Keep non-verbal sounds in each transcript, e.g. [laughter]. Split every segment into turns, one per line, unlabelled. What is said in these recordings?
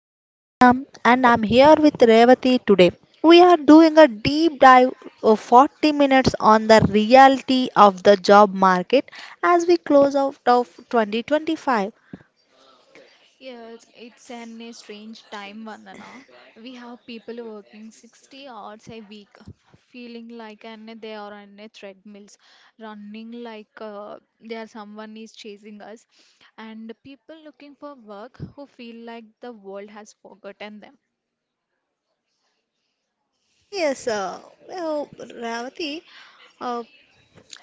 I'm Vandana and I'm here with Revati today. We are doing a deep dive of 40 minutes on the reality of the job market as we close out of 2025.
Yes, it's an a strange time, Vandana. We have people working 60 hours a week, feeling like and they are on a treadmills, running like there someone is chasing us, and people looking for work who feel like the world has forgotten them.
Yes, well, Revati, uh,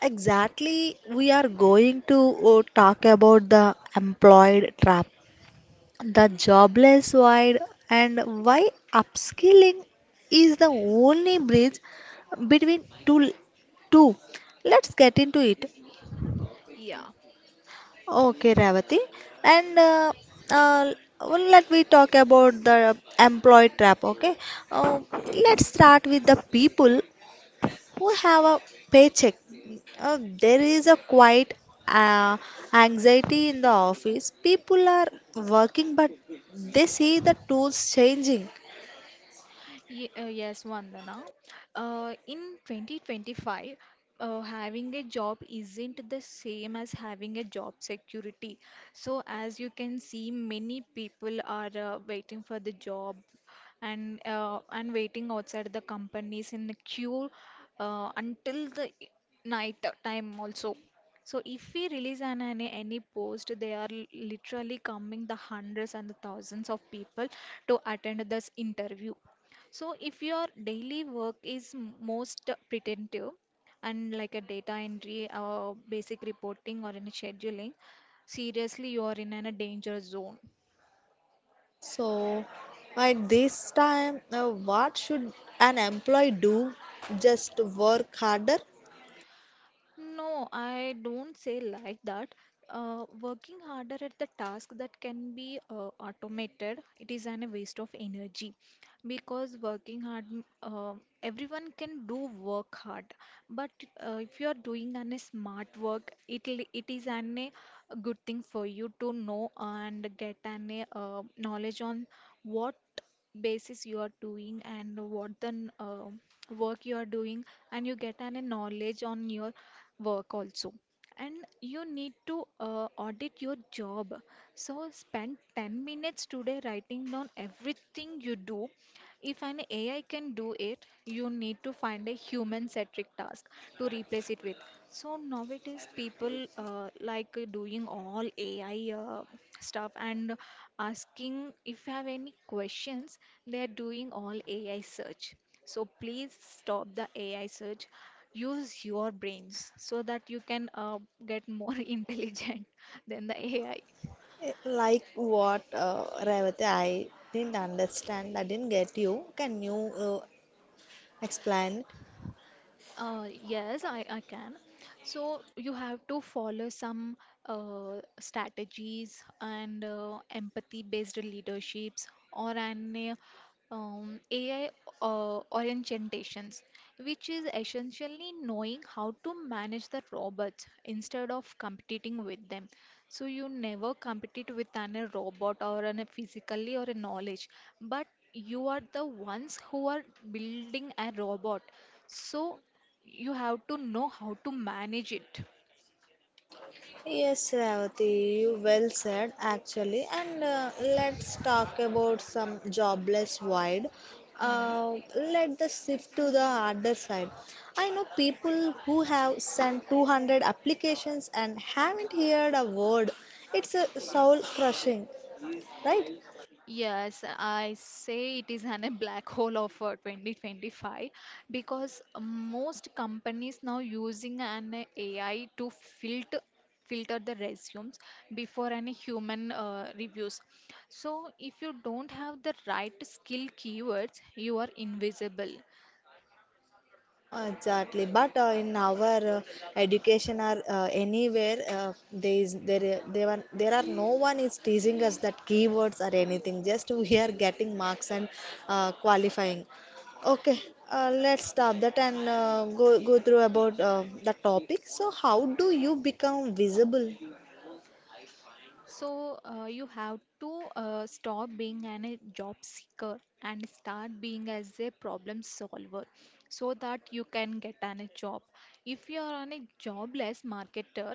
exactly we are going to talk about the employed trap, the jobless void, and why upskilling is the only bridge between two two let's get into it.
Yeah.
Okay, Ravati, and uh, well, let me talk about the employee trap. Okay, uh, let's start with the people who have a paycheck. There is a quite uh, anxiety in the office. People are working, but they see the tools changing.
Yes, Vandana. In 2025, having a job isn't the same as having a job security. So, as you can see, many people are waiting for the job and waiting outside the companies in the queue until the night time also. So if we release an any post, they are literally coming the hundreds and the thousands of people to attend this interview. So if your daily work is most pretentive and like a data entry or basic reporting or any scheduling, seriously you are in a dangerous zone.
So, at this time, what should an employee do? Just work harder?
No, I don't say like that. Working harder at the task that can be automated, it is an waste of energy because working hard, uh, everyone can do work hard. But if you are doing an smart work, it is an a good thing for you to know and get an a, knowledge on what basis you are doing and what the work you are doing and you get an a knowledge on your work also and you need to audit your job. So spend 10 minutes today writing down everything you do. If an AI can do it you need to find a human centric task to replace it with. So nowadays people doing all AI stuff and asking if you have any questions, they are doing all AI search. So please stop the AI search. Use your brains so that you can get more [laughs] intelligent than the AI.
Like what, Revati? I didn't understand. I didn't get you. Can you uh, explain?
Yes, I can. So you have to follow some strategies and empathy-based leaderships or an AI orientations, which is essentially knowing how to manage the robots instead of competing with them. So you never compete with an a robot or an a physically or a knowledge, but you are the ones who are building a robot. So you have to know how to manage it.
Yes, Revati, you well said actually. And let's talk about some jobless wide.
Mm.
Let the shift to the harder side. I know people who have sent 200 applications and haven't heard a word. It's a soul crushing, right?
Yes, I say it is an, a black hole of 2025 because most companies now using an AI to filter the resumes before any human reviews. So if you don't have the right skill keywords, you are invisible.
Exactly, but in our education or anywhere, there is there there are no one is teasing us that keywords or anything. Just we are getting marks and qualifying. Okay, let's stop that and go go through about the topic. So, how do you become visible?
So you have to stop being an, a job seeker and start being as a problem solver so that you can get an, a job. If you are on a jobless marketer,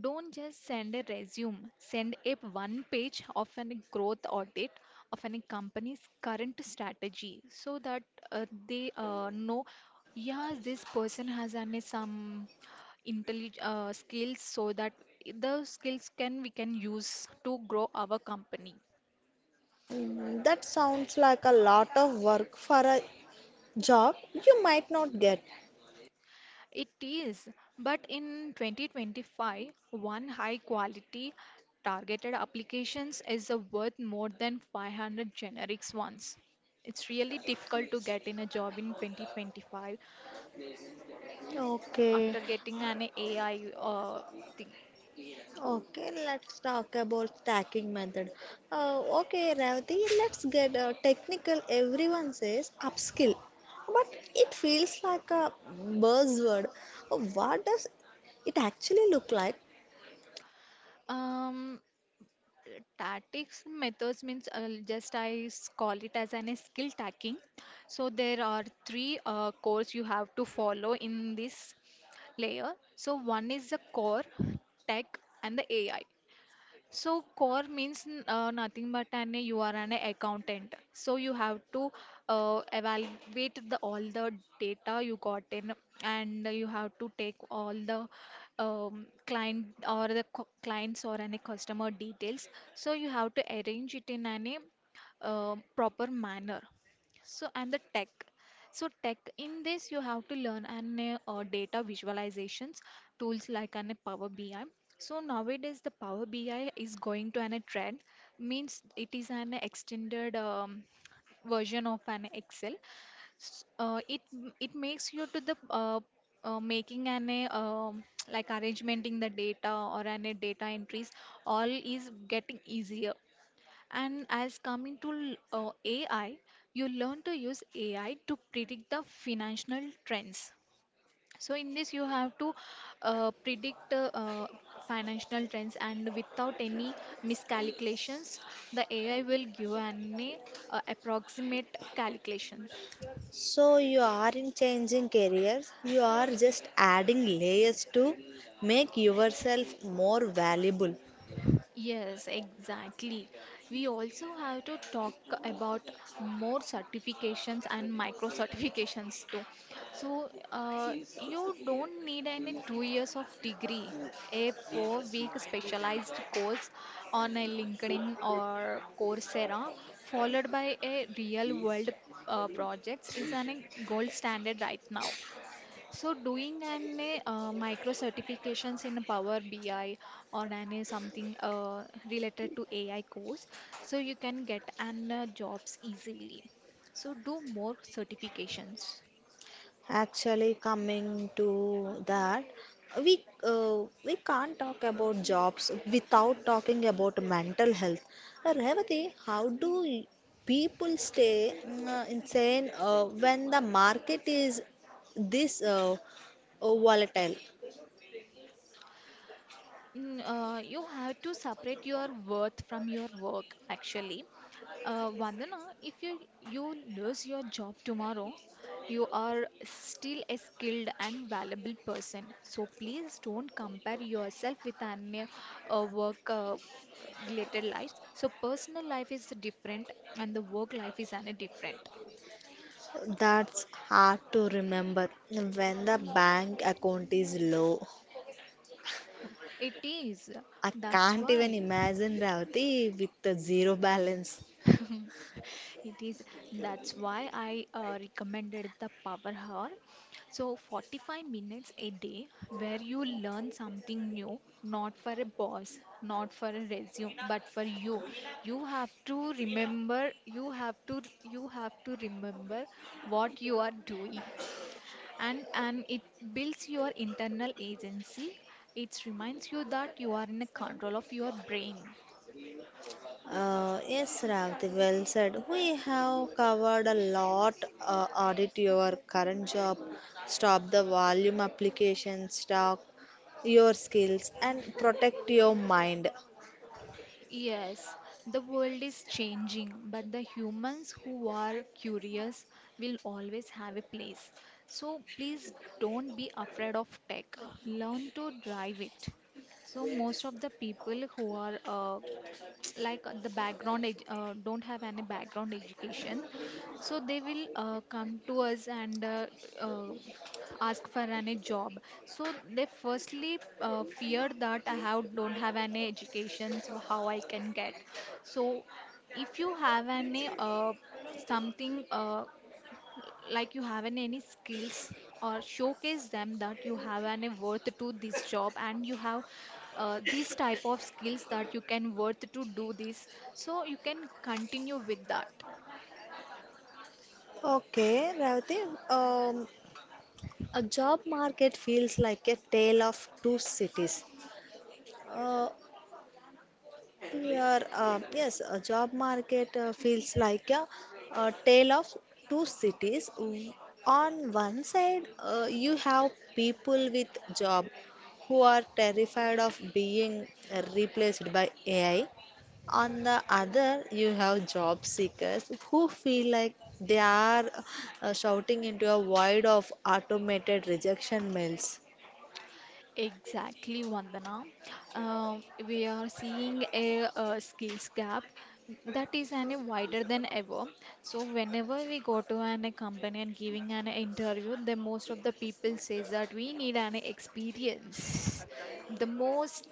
don't just send a resume, send a one page of an growth audit of any company's current strategy so that they know yes this person has an, a some intellig skills so that the skills can we can use to grow our company.
That sounds like a lot of work for a job you might not get.
It is, but in 2025 one high quality targeted applications is worth more than 500 generics ones. It's really difficult to get in a job in 2025
Okay.
after getting an AI uh, thing.
Okay, let's talk about stacking method. Okay, Ravati, let's get technical. Everyone says upskill, but it feels like a buzzword. What does it actually look like?
um Tactics methods means just I call it as an a skill tacking. So there are three cores you have to follow in this layer. So one is the core, tech, and the AI. So core means nothing but an you are an accountant. So you have to evaluate the all the data you got in, and you have to take all the client or the clients or any customer details. So you have to arrange it in any proper manner. So, and the tech. So, tech in this, you have to learn an data visualizations tools like an Power BI. So, nowadays, the Power BI is going to an a trend, means it is an extended version of an Excel. S- Uh, it it makes you to the making an a like arrangement in the data or an a data entries all is getting easier. And as coming to AI, you learn to use AI to predict the financial trends. So in this, you have to predict financial trends, and without any miscalculations, the AI will give an approximate calculations.
So you aren't changing careers, you are just adding layers to make yourself more valuable.
Yes, exactly. We also have to talk about more certifications and micro certifications too. So, you don't need any 2 years of degree. A 4 week specialized course on a LinkedIn or Coursera, followed by a real world projects, is an a gold standard right now. So doing an micro certifications in Power BI or an something related to AI course, so you can get an jobs easily. So do more certifications.
Actually, coming to that, we can't talk about jobs without talking about mental health. Revati, how do people stay insane when the market is this volatile?
You have to separate your worth from your work actually. Vandana, if you lose your job tomorrow, you are still a skilled and valuable person. So please don't compare yourself with any work related lives. So personal life is different and the work life is an different.
That's hard to remember when the bank account is low.
It is.
I
That's
can't even
why.
imagine Revati with the zero balance.
[laughs] It is that's why I recommended the power hour. So 45 minutes a day where you learn something new, not for a boss, not for a resume, but for you. You have to remember, you have to remember what you are doing. And it builds your internal agency. It reminds you that you are in a control of your brain.
Yes, Ravti, well said. We have covered a lot. Audit your current job, stop the volume application, stock your skills, and protect your mind.
Yes, the world is changing, but the humans who are curious will always have a place. So please don't be afraid of tech. Learn to drive it. So most of the people who are don't have any background education, so they will come to us and uh, ask for any job. So they firstly fear that I have don't have any education, so how I can get. So if you have any something like you have an, any skills, or showcase them that you have any worth to this job and you have these type of skills that you can worth to do this, so you can continue with that.
Okay, Ravati, a job market feels like a tale of two cities. Uh, Yeah. Yes, a job market feels like a tale of two cities. On one side, you have people with job who are terrified of being replaced by AI. On the other, you have job seekers who feel like they are shouting into a void of automated rejection mails.
Exactly, Vandana. We are seeing a, skills gap that is any wider than ever. So whenever we go to an a company and giving an interview, the most of the people says that we need an experience. The most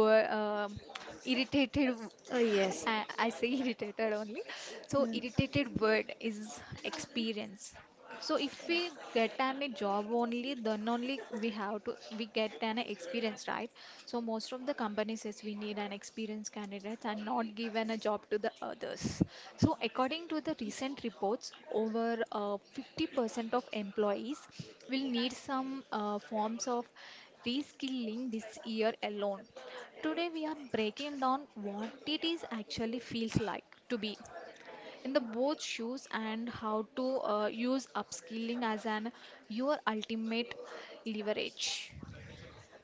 wor- um irritated
Oh, yes.
I say irritated only. So irritated word is experience. So if we get an a job only, then only we have to we get an experience, right? So most of the companies says we need an experienced candidate and not given a job to the others. So according to the recent reports, over 50% of employees will need some forms of reskilling this year alone. Today we are breaking down what it is actually feels like to be in the both shoes and how to use upskilling as an your ultimate leverage.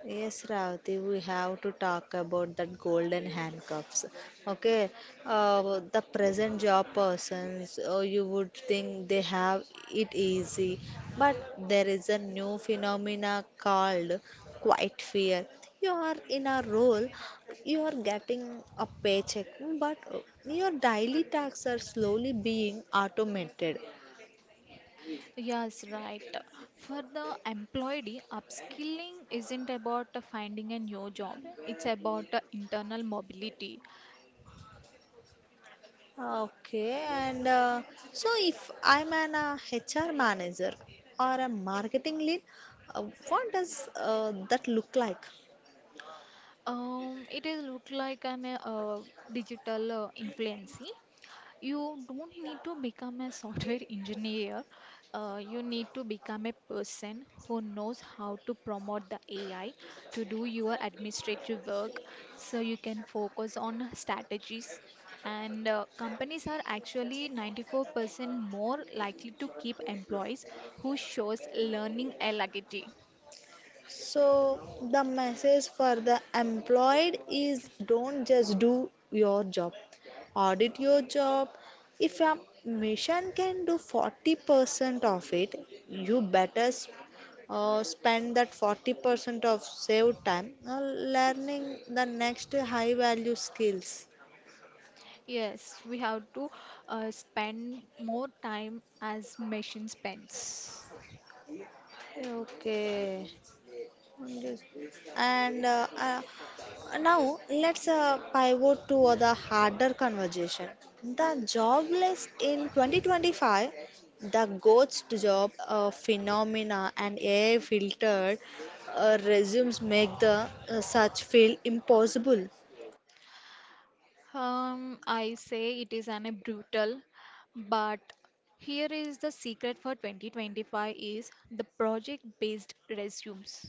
Yes, Ravati, we have to talk about that golden handcuffs. Okay, the present job persons, you would think they have it easy, but there is a new phenomena called quiet fear. You are in a role, you are getting a paycheck, but your daily tasks are slowly being automated.
Yes, right, for the employee upskilling isn't about finding a new job, it's about internal mobility.
Okay, and so if I'm an HR manager or a marketing lead, what does that look like?
It is look like an digital influencing. You don't need to become a software [laughs] engineer. You need to become a person who knows how to promote the AI to do your administrative work so you can focus on strategies. And companies are actually 94% more likely to keep employees who shows learning agility.
So the message for the employed is don't just do your job. Audit your job. If a mission can do 40% of it, you better spend that 40% of saved time learning the next high value skills.
Yes, we have to spend more time as machine spends.
Okay. Wonders. And now let's pivot to the harder conversation. The job list in 2025, the ghost job phenomena and AI filtered resumes make the search feel impossible.
I say it is an a brutal, but here is the secret for 2025 is the project-based resumes.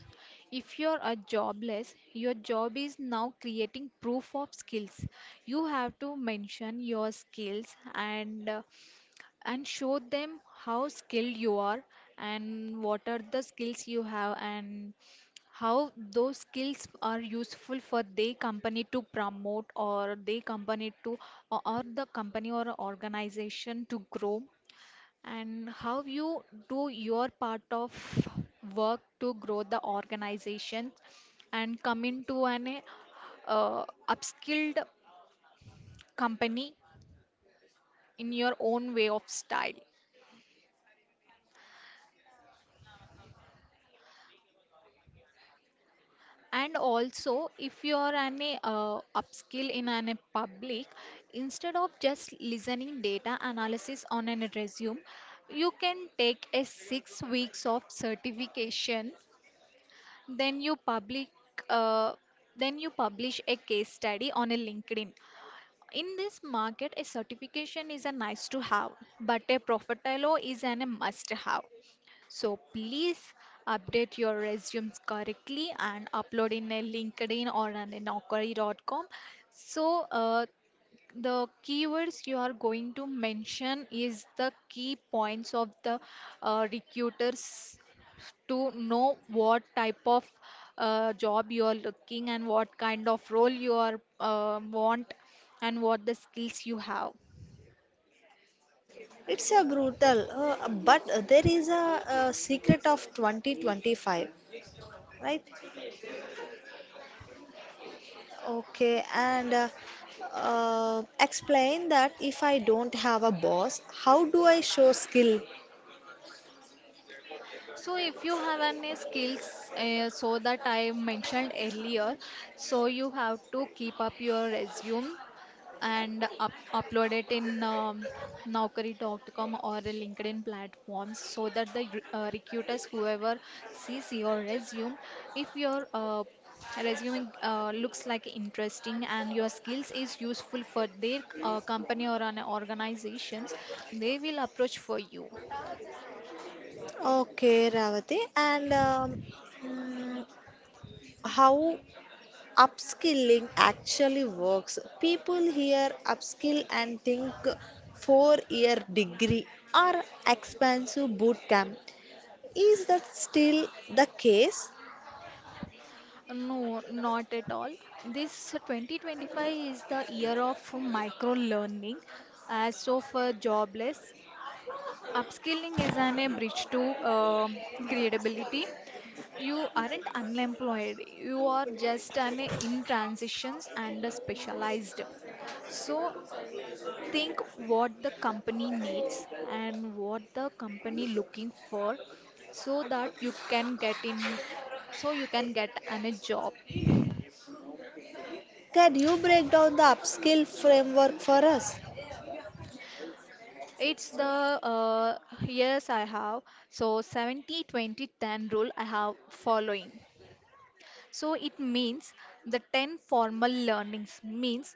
If you are jobless, your job is now creating proof of skills. You have to mention your skills and show them how skilled you are and what are the skills you have and how those skills are useful for their company to promote or their company to or the company or organization to grow and how you do your part of work to grow the organization and come into an uh, upskilled company in your own way of style. And also if you are an upskill in an a public, instead of just listening data analysis on an resume, you can take a 6 weeks of certification then you public uh, then you publish a case study on a LinkedIn. In this market a certification is a nice to have but a profitable is an a must have. So please update your resumes correctly and upload in a LinkedIn or an Naukri.com. So the keywords you are going to mention is the key points of the recruiters to know what type of job you are looking and what kind of role you are want and what the skills you have.
It's a brutal, but there is a secret of 2025, right? Okay, and explain that if I don't have a boss, how do I show skill?
So if you have any skills, so that I mentioned earlier, so you have to keep up your resume and up upload it in Naukri.com or a LinkedIn platforms so that the recruiters, whoever sees your resume, if your resume looks like interesting and your skills is useful for their company or an organizations, they will approach for you.
Okay, Ravati, and mm, how upskilling actually works? People hear upskill and think 4-year degree or expensive boot camp. Is that still the case?
No, not at all. This 2025 is the year of micro learning. As of jobless, upskilling is an a bridge to credibility. You aren't unemployed. You are just an a in transitions and a specialized. So think what the company needs and what the company looking for so that you can get in, so you can get an a job.
Can you break down the upskill framework for us?
It's the uh, yes, I have. So 70 20 10 rule I have following. So it means the 10 formal learnings means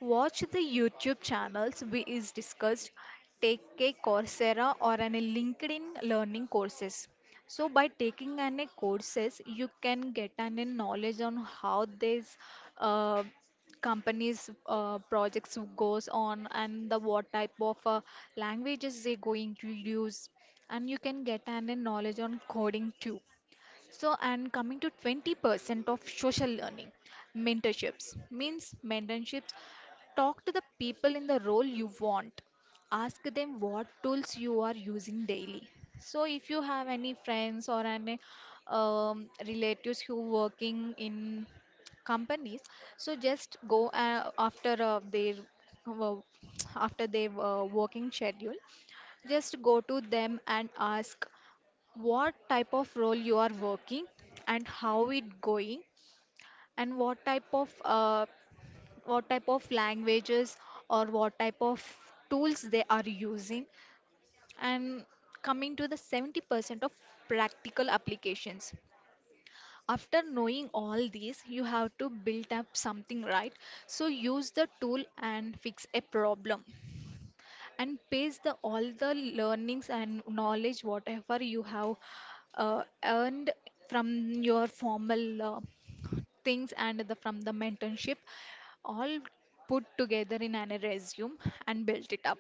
watch the YouTube channels we is discussed, take a Coursera or an LinkedIn learning courses. So by taking any courses, you can get an a knowledge on how these uh, companies projects goes on and the what type of languages they going to use, and you can get an a knowledge on coding too. So, and coming to 20% of social learning, mentorships means mentorships. Talk to the people in the role you want. Ask them what tools you are using daily. So, if you have any friends or any relatives who working in companies, so just go after their wo- [tsk] after their working schedule. Just go to them and ask what type of role you are working and how it going, and what type of languages or what type of tools they are using. And coming to the 70% of practical applications, after knowing all these you have to build up something, right? So use the tool and fix a problem and paste the all the learnings and knowledge whatever you have earned from your formal things and the from the mentorship, all put together in an resume and built it up.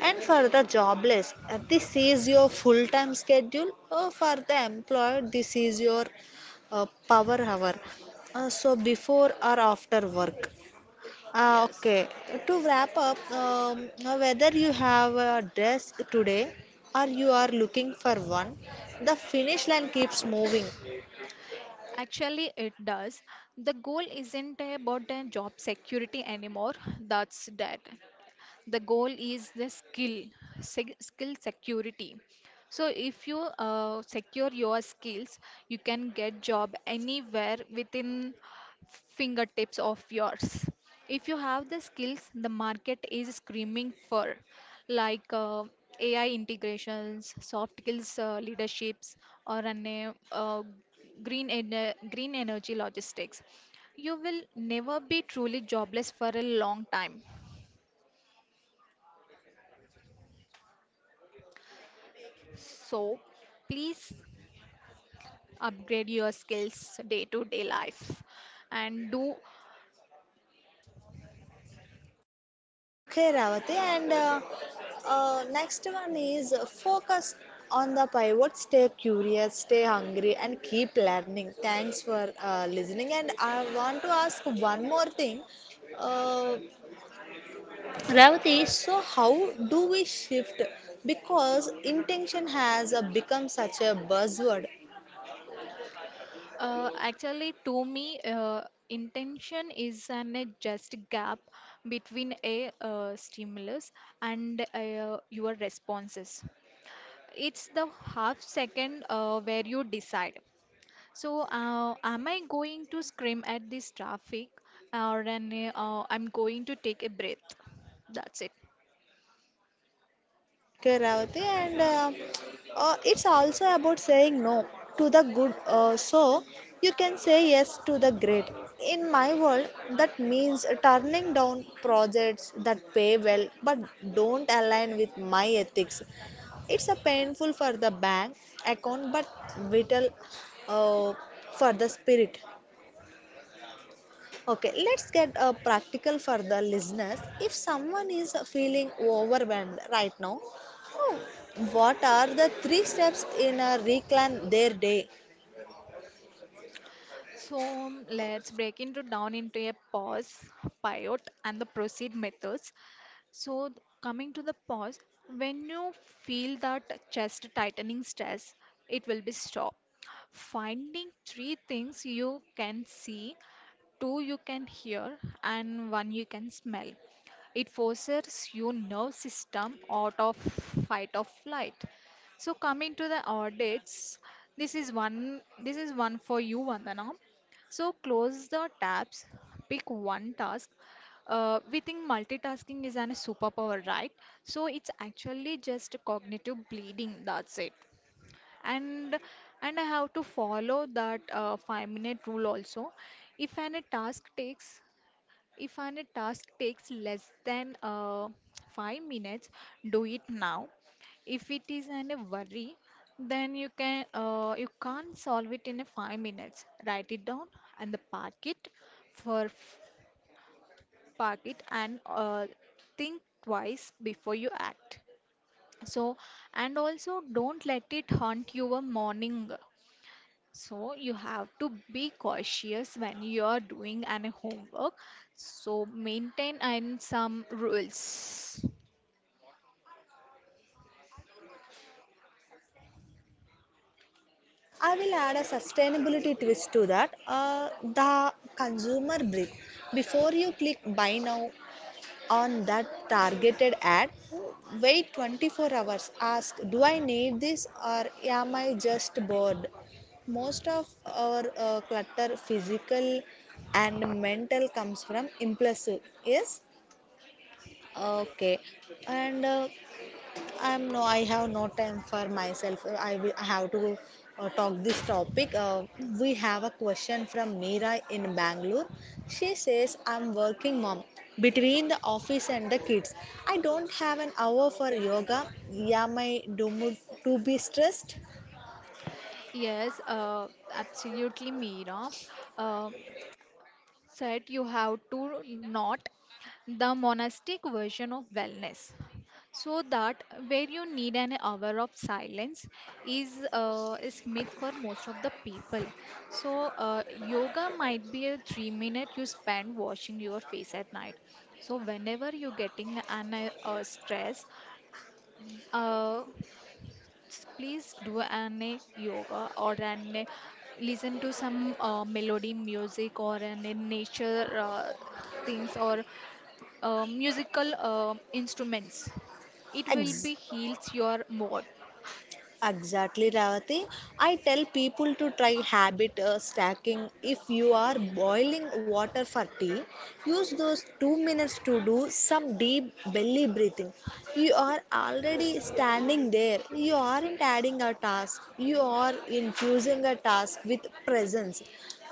And for the jobless, this is your full time schedule. For the employed, this is your power hour. So before or after work.
Yes.
Okay, to wrap up, whether you have a desk today or you are looking for one, the finish line keeps moving.
Actually, it does. The goal isn't about a job security anymore. That's dead. The goal is the skill security. So if you secure your skills, you can get job anywhere within fingertips of yours if you have the skills the market is screaming for, like AI integrations, soft skills, leaderships, or green energy logistics. You will never be truly jobless for a long time. So please upgrade your skills day to day life, and do.
Okay, Ravati, and next one is focus on the pivot, stay curious, stay hungry, and keep learning. Thanks for listening. And I want to ask one more thing. Uh, Ravati, so how do we shift? Because intention has become such a buzzword.
Actually to me, intention is an a just gap between a stimulus and your responses. It's the half second where you decide. So am I going to scream at this traffic, or I'm going to take a breath? That's it.
Okay, Ravati, and it's also about saying no to the good, so you can say yes to the great. In my world, that means turning down projects that pay well but don't align with my ethics. It's a painful for the bank account but vital uh, for the spirit. Okay, let's get practical for the listeners. If someone is feeling overwhelmed right now, oh, what are the three steps in reclaim their day?
So let's break into down into a pause, pivot, and the proceed methods. So, coming to the pause, when you feel that chest tightening stress, it will be stop. Finding three things you can see, two you can hear, and one you can smell. It forces your nerve system out of fight or flight. So, coming to the audits, this is one. This is one for you, Vandana. So close the tabs, pick one task, we think multitasking is an superpower, right? So it's actually just cognitive bleeding. That's it. And and I have to follow that 5-minute rule also. If an a task takes If an a task takes less than 5 minutes, do it now. If it is an a worry, then you can't solve it in a 5 minutes. Write it down and the for park it and think twice before you act. So, and also don't let it haunt your morning. So, you have to be cautious when you are doing any homework. So, maintain and some rules.
I will add a sustainability twist to that. The consumer brief. Before you click buy now, on that targeted ad, wait 24 hours. Ask, do I need this, or am I just bored? Most of our clutter, physical and mental, comes from impulsive. Yes. Okay, and I'm no, I have no time for myself. I, will, I have to talk this topic. We have a question from Meera in Bangalore. She says, I'm working mom between the office and the kids. I don't have an hour for yoga. Am I doomed to be stressed?
Yes, absolutely, Meera. Uh, set you have to not the monastic version of wellness so that where you need an hour of silence is myth for most of the people. So yoga might be a 3 minute you spend washing your face at night. So whenever you're getting an stress, uh, please do an a yoga or an a listen to some melody music or an a nature uh, things or musical instruments. It will be
Ex-
heals your mood.
Exactly, Ravati. I tell people to try habit stacking. If you are boiling water for tea, use those 2 minutes to do some deep belly breathing. You are already standing there. You aren't adding a task. You are infusing a task with presence.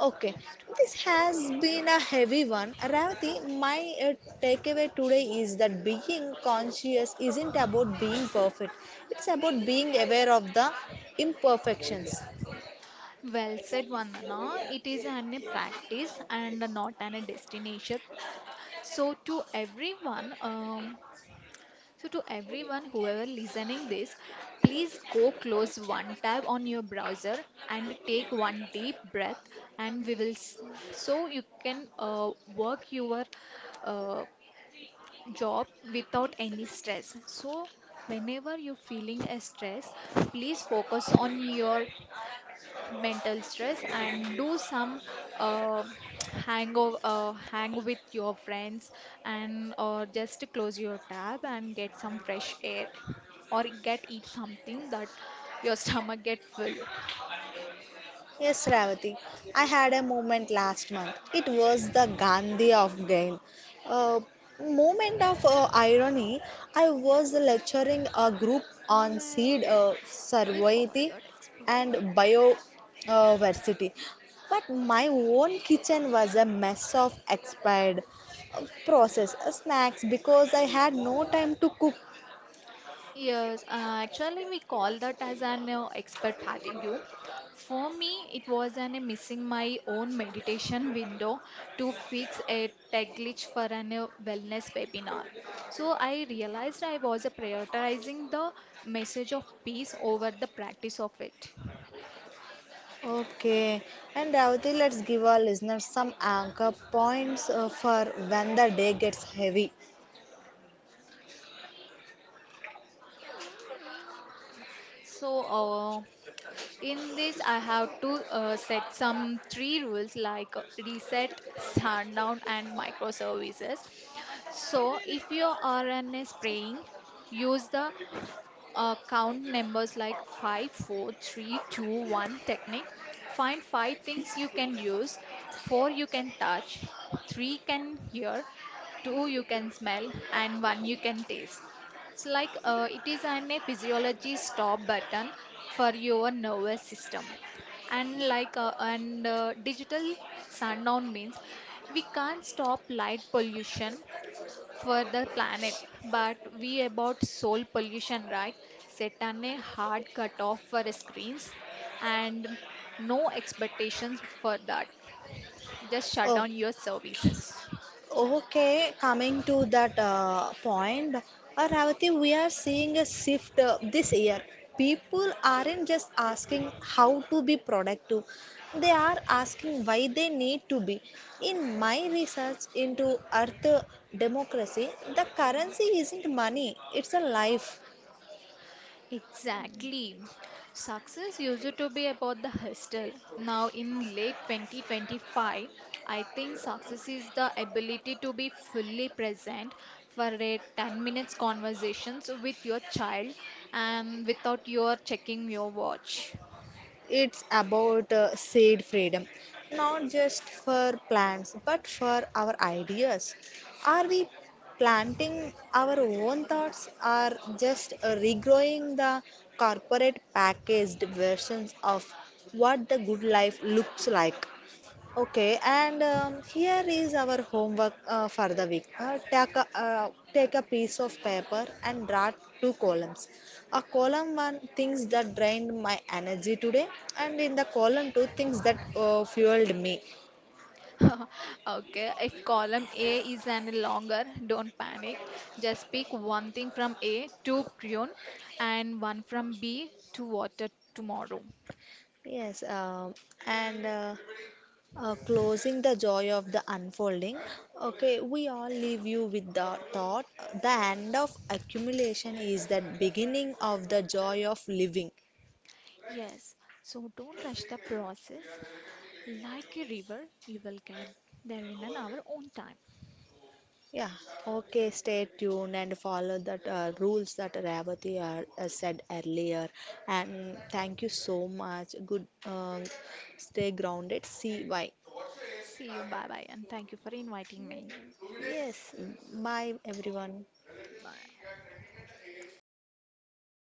Okay, this has been a heavy one. Ravati, my uh, takeaway today is that being conscious isn't about being perfect, it's about being aware of the imperfections.
Well said, Vandana. It is an a practice and not an a destination. So to everyone, um, So to everyone whoever listening this, please go close one tab on your browser and take one deep breath, and we will s- so you can work your uh, job without any stress. So whenever you're feeling a stress, please focus on your mental stress and do some uh, hang with your friends and or just close your tab and get some fresh air or get eat something that your [laughs] stomach get full.
Yes, Ravati. I had a moment last month. It was the Gandhi of Gain. A moment of irony. I was lecturing a group on seed
Well, we call
sovereignty
that expert.
and biodiversity. But my own kitchen was a mess of expired processed snacks because I had no time to cook.
Yes, actually, we call that as an expert fatigue. For me, it was an missing my own meditation window to fix a tech glitch for an wellness webinar. So I realized I was prioritizing the message of peace over the practice of it.
Okay, and Ravati, let's give our listeners some anchor points for when the day gets heavy.
So, in this, I have to set some three rules like reset, sundown, and microservices. So, if you are on a spraying, use the count numbers like five, four, three, two, one technique. Find 5 things you can use, 4 you can touch, 3 can hear, 2 you can smell, and 1 you can taste. It's like, it is an a physiology stop button for your nervous system. And digital sundown means we can't stop light pollution for the planet, but we about soul pollution, right? Set on a hard cut off for screens and no expectations for that. Just shut
Oh,
down your services.
okay, coming to that point, Ravati, we are seeing a shift this year. People aren't just asking how to be productive, they are asking why they need to be. In my research into Earth democracy, the currency isn't money, it's a life.
Exactly. Success used to be about the hustle. Now, in late 2025, I think success is the ability to be fully present for a 10 minutes conversations with your child and without your checking your watch.
It's about seed freedom, not just for plants, but for our ideas. Are we planting our own thoughts or just regrowing the corporate packaged versions of what the good life looks like? Okay, and here is our homework for the week. Take a piece of paper and draw two columns. A column one, things that drained my energy today, and in the column two, things that fueled me.
[laughs] Okay, if column A is any longer, don't panic. Just pick one thing from A to prune and one from B to water tomorrow.
Yes, and closing the joy of the unfolding. Okay, we all leave you with the thought, the end of accumulation is the beginning of the joy of living.
Yes, so don't rush the process. Like a river, you will get there in an hour own time.
Yeah, okay, stay tuned and follow that rules that Ravathi said earlier. And thank you so much. Good, stay grounded. See why.
See you, bye bye, and thank you for inviting me.
Yes, bye everyone.
Bye.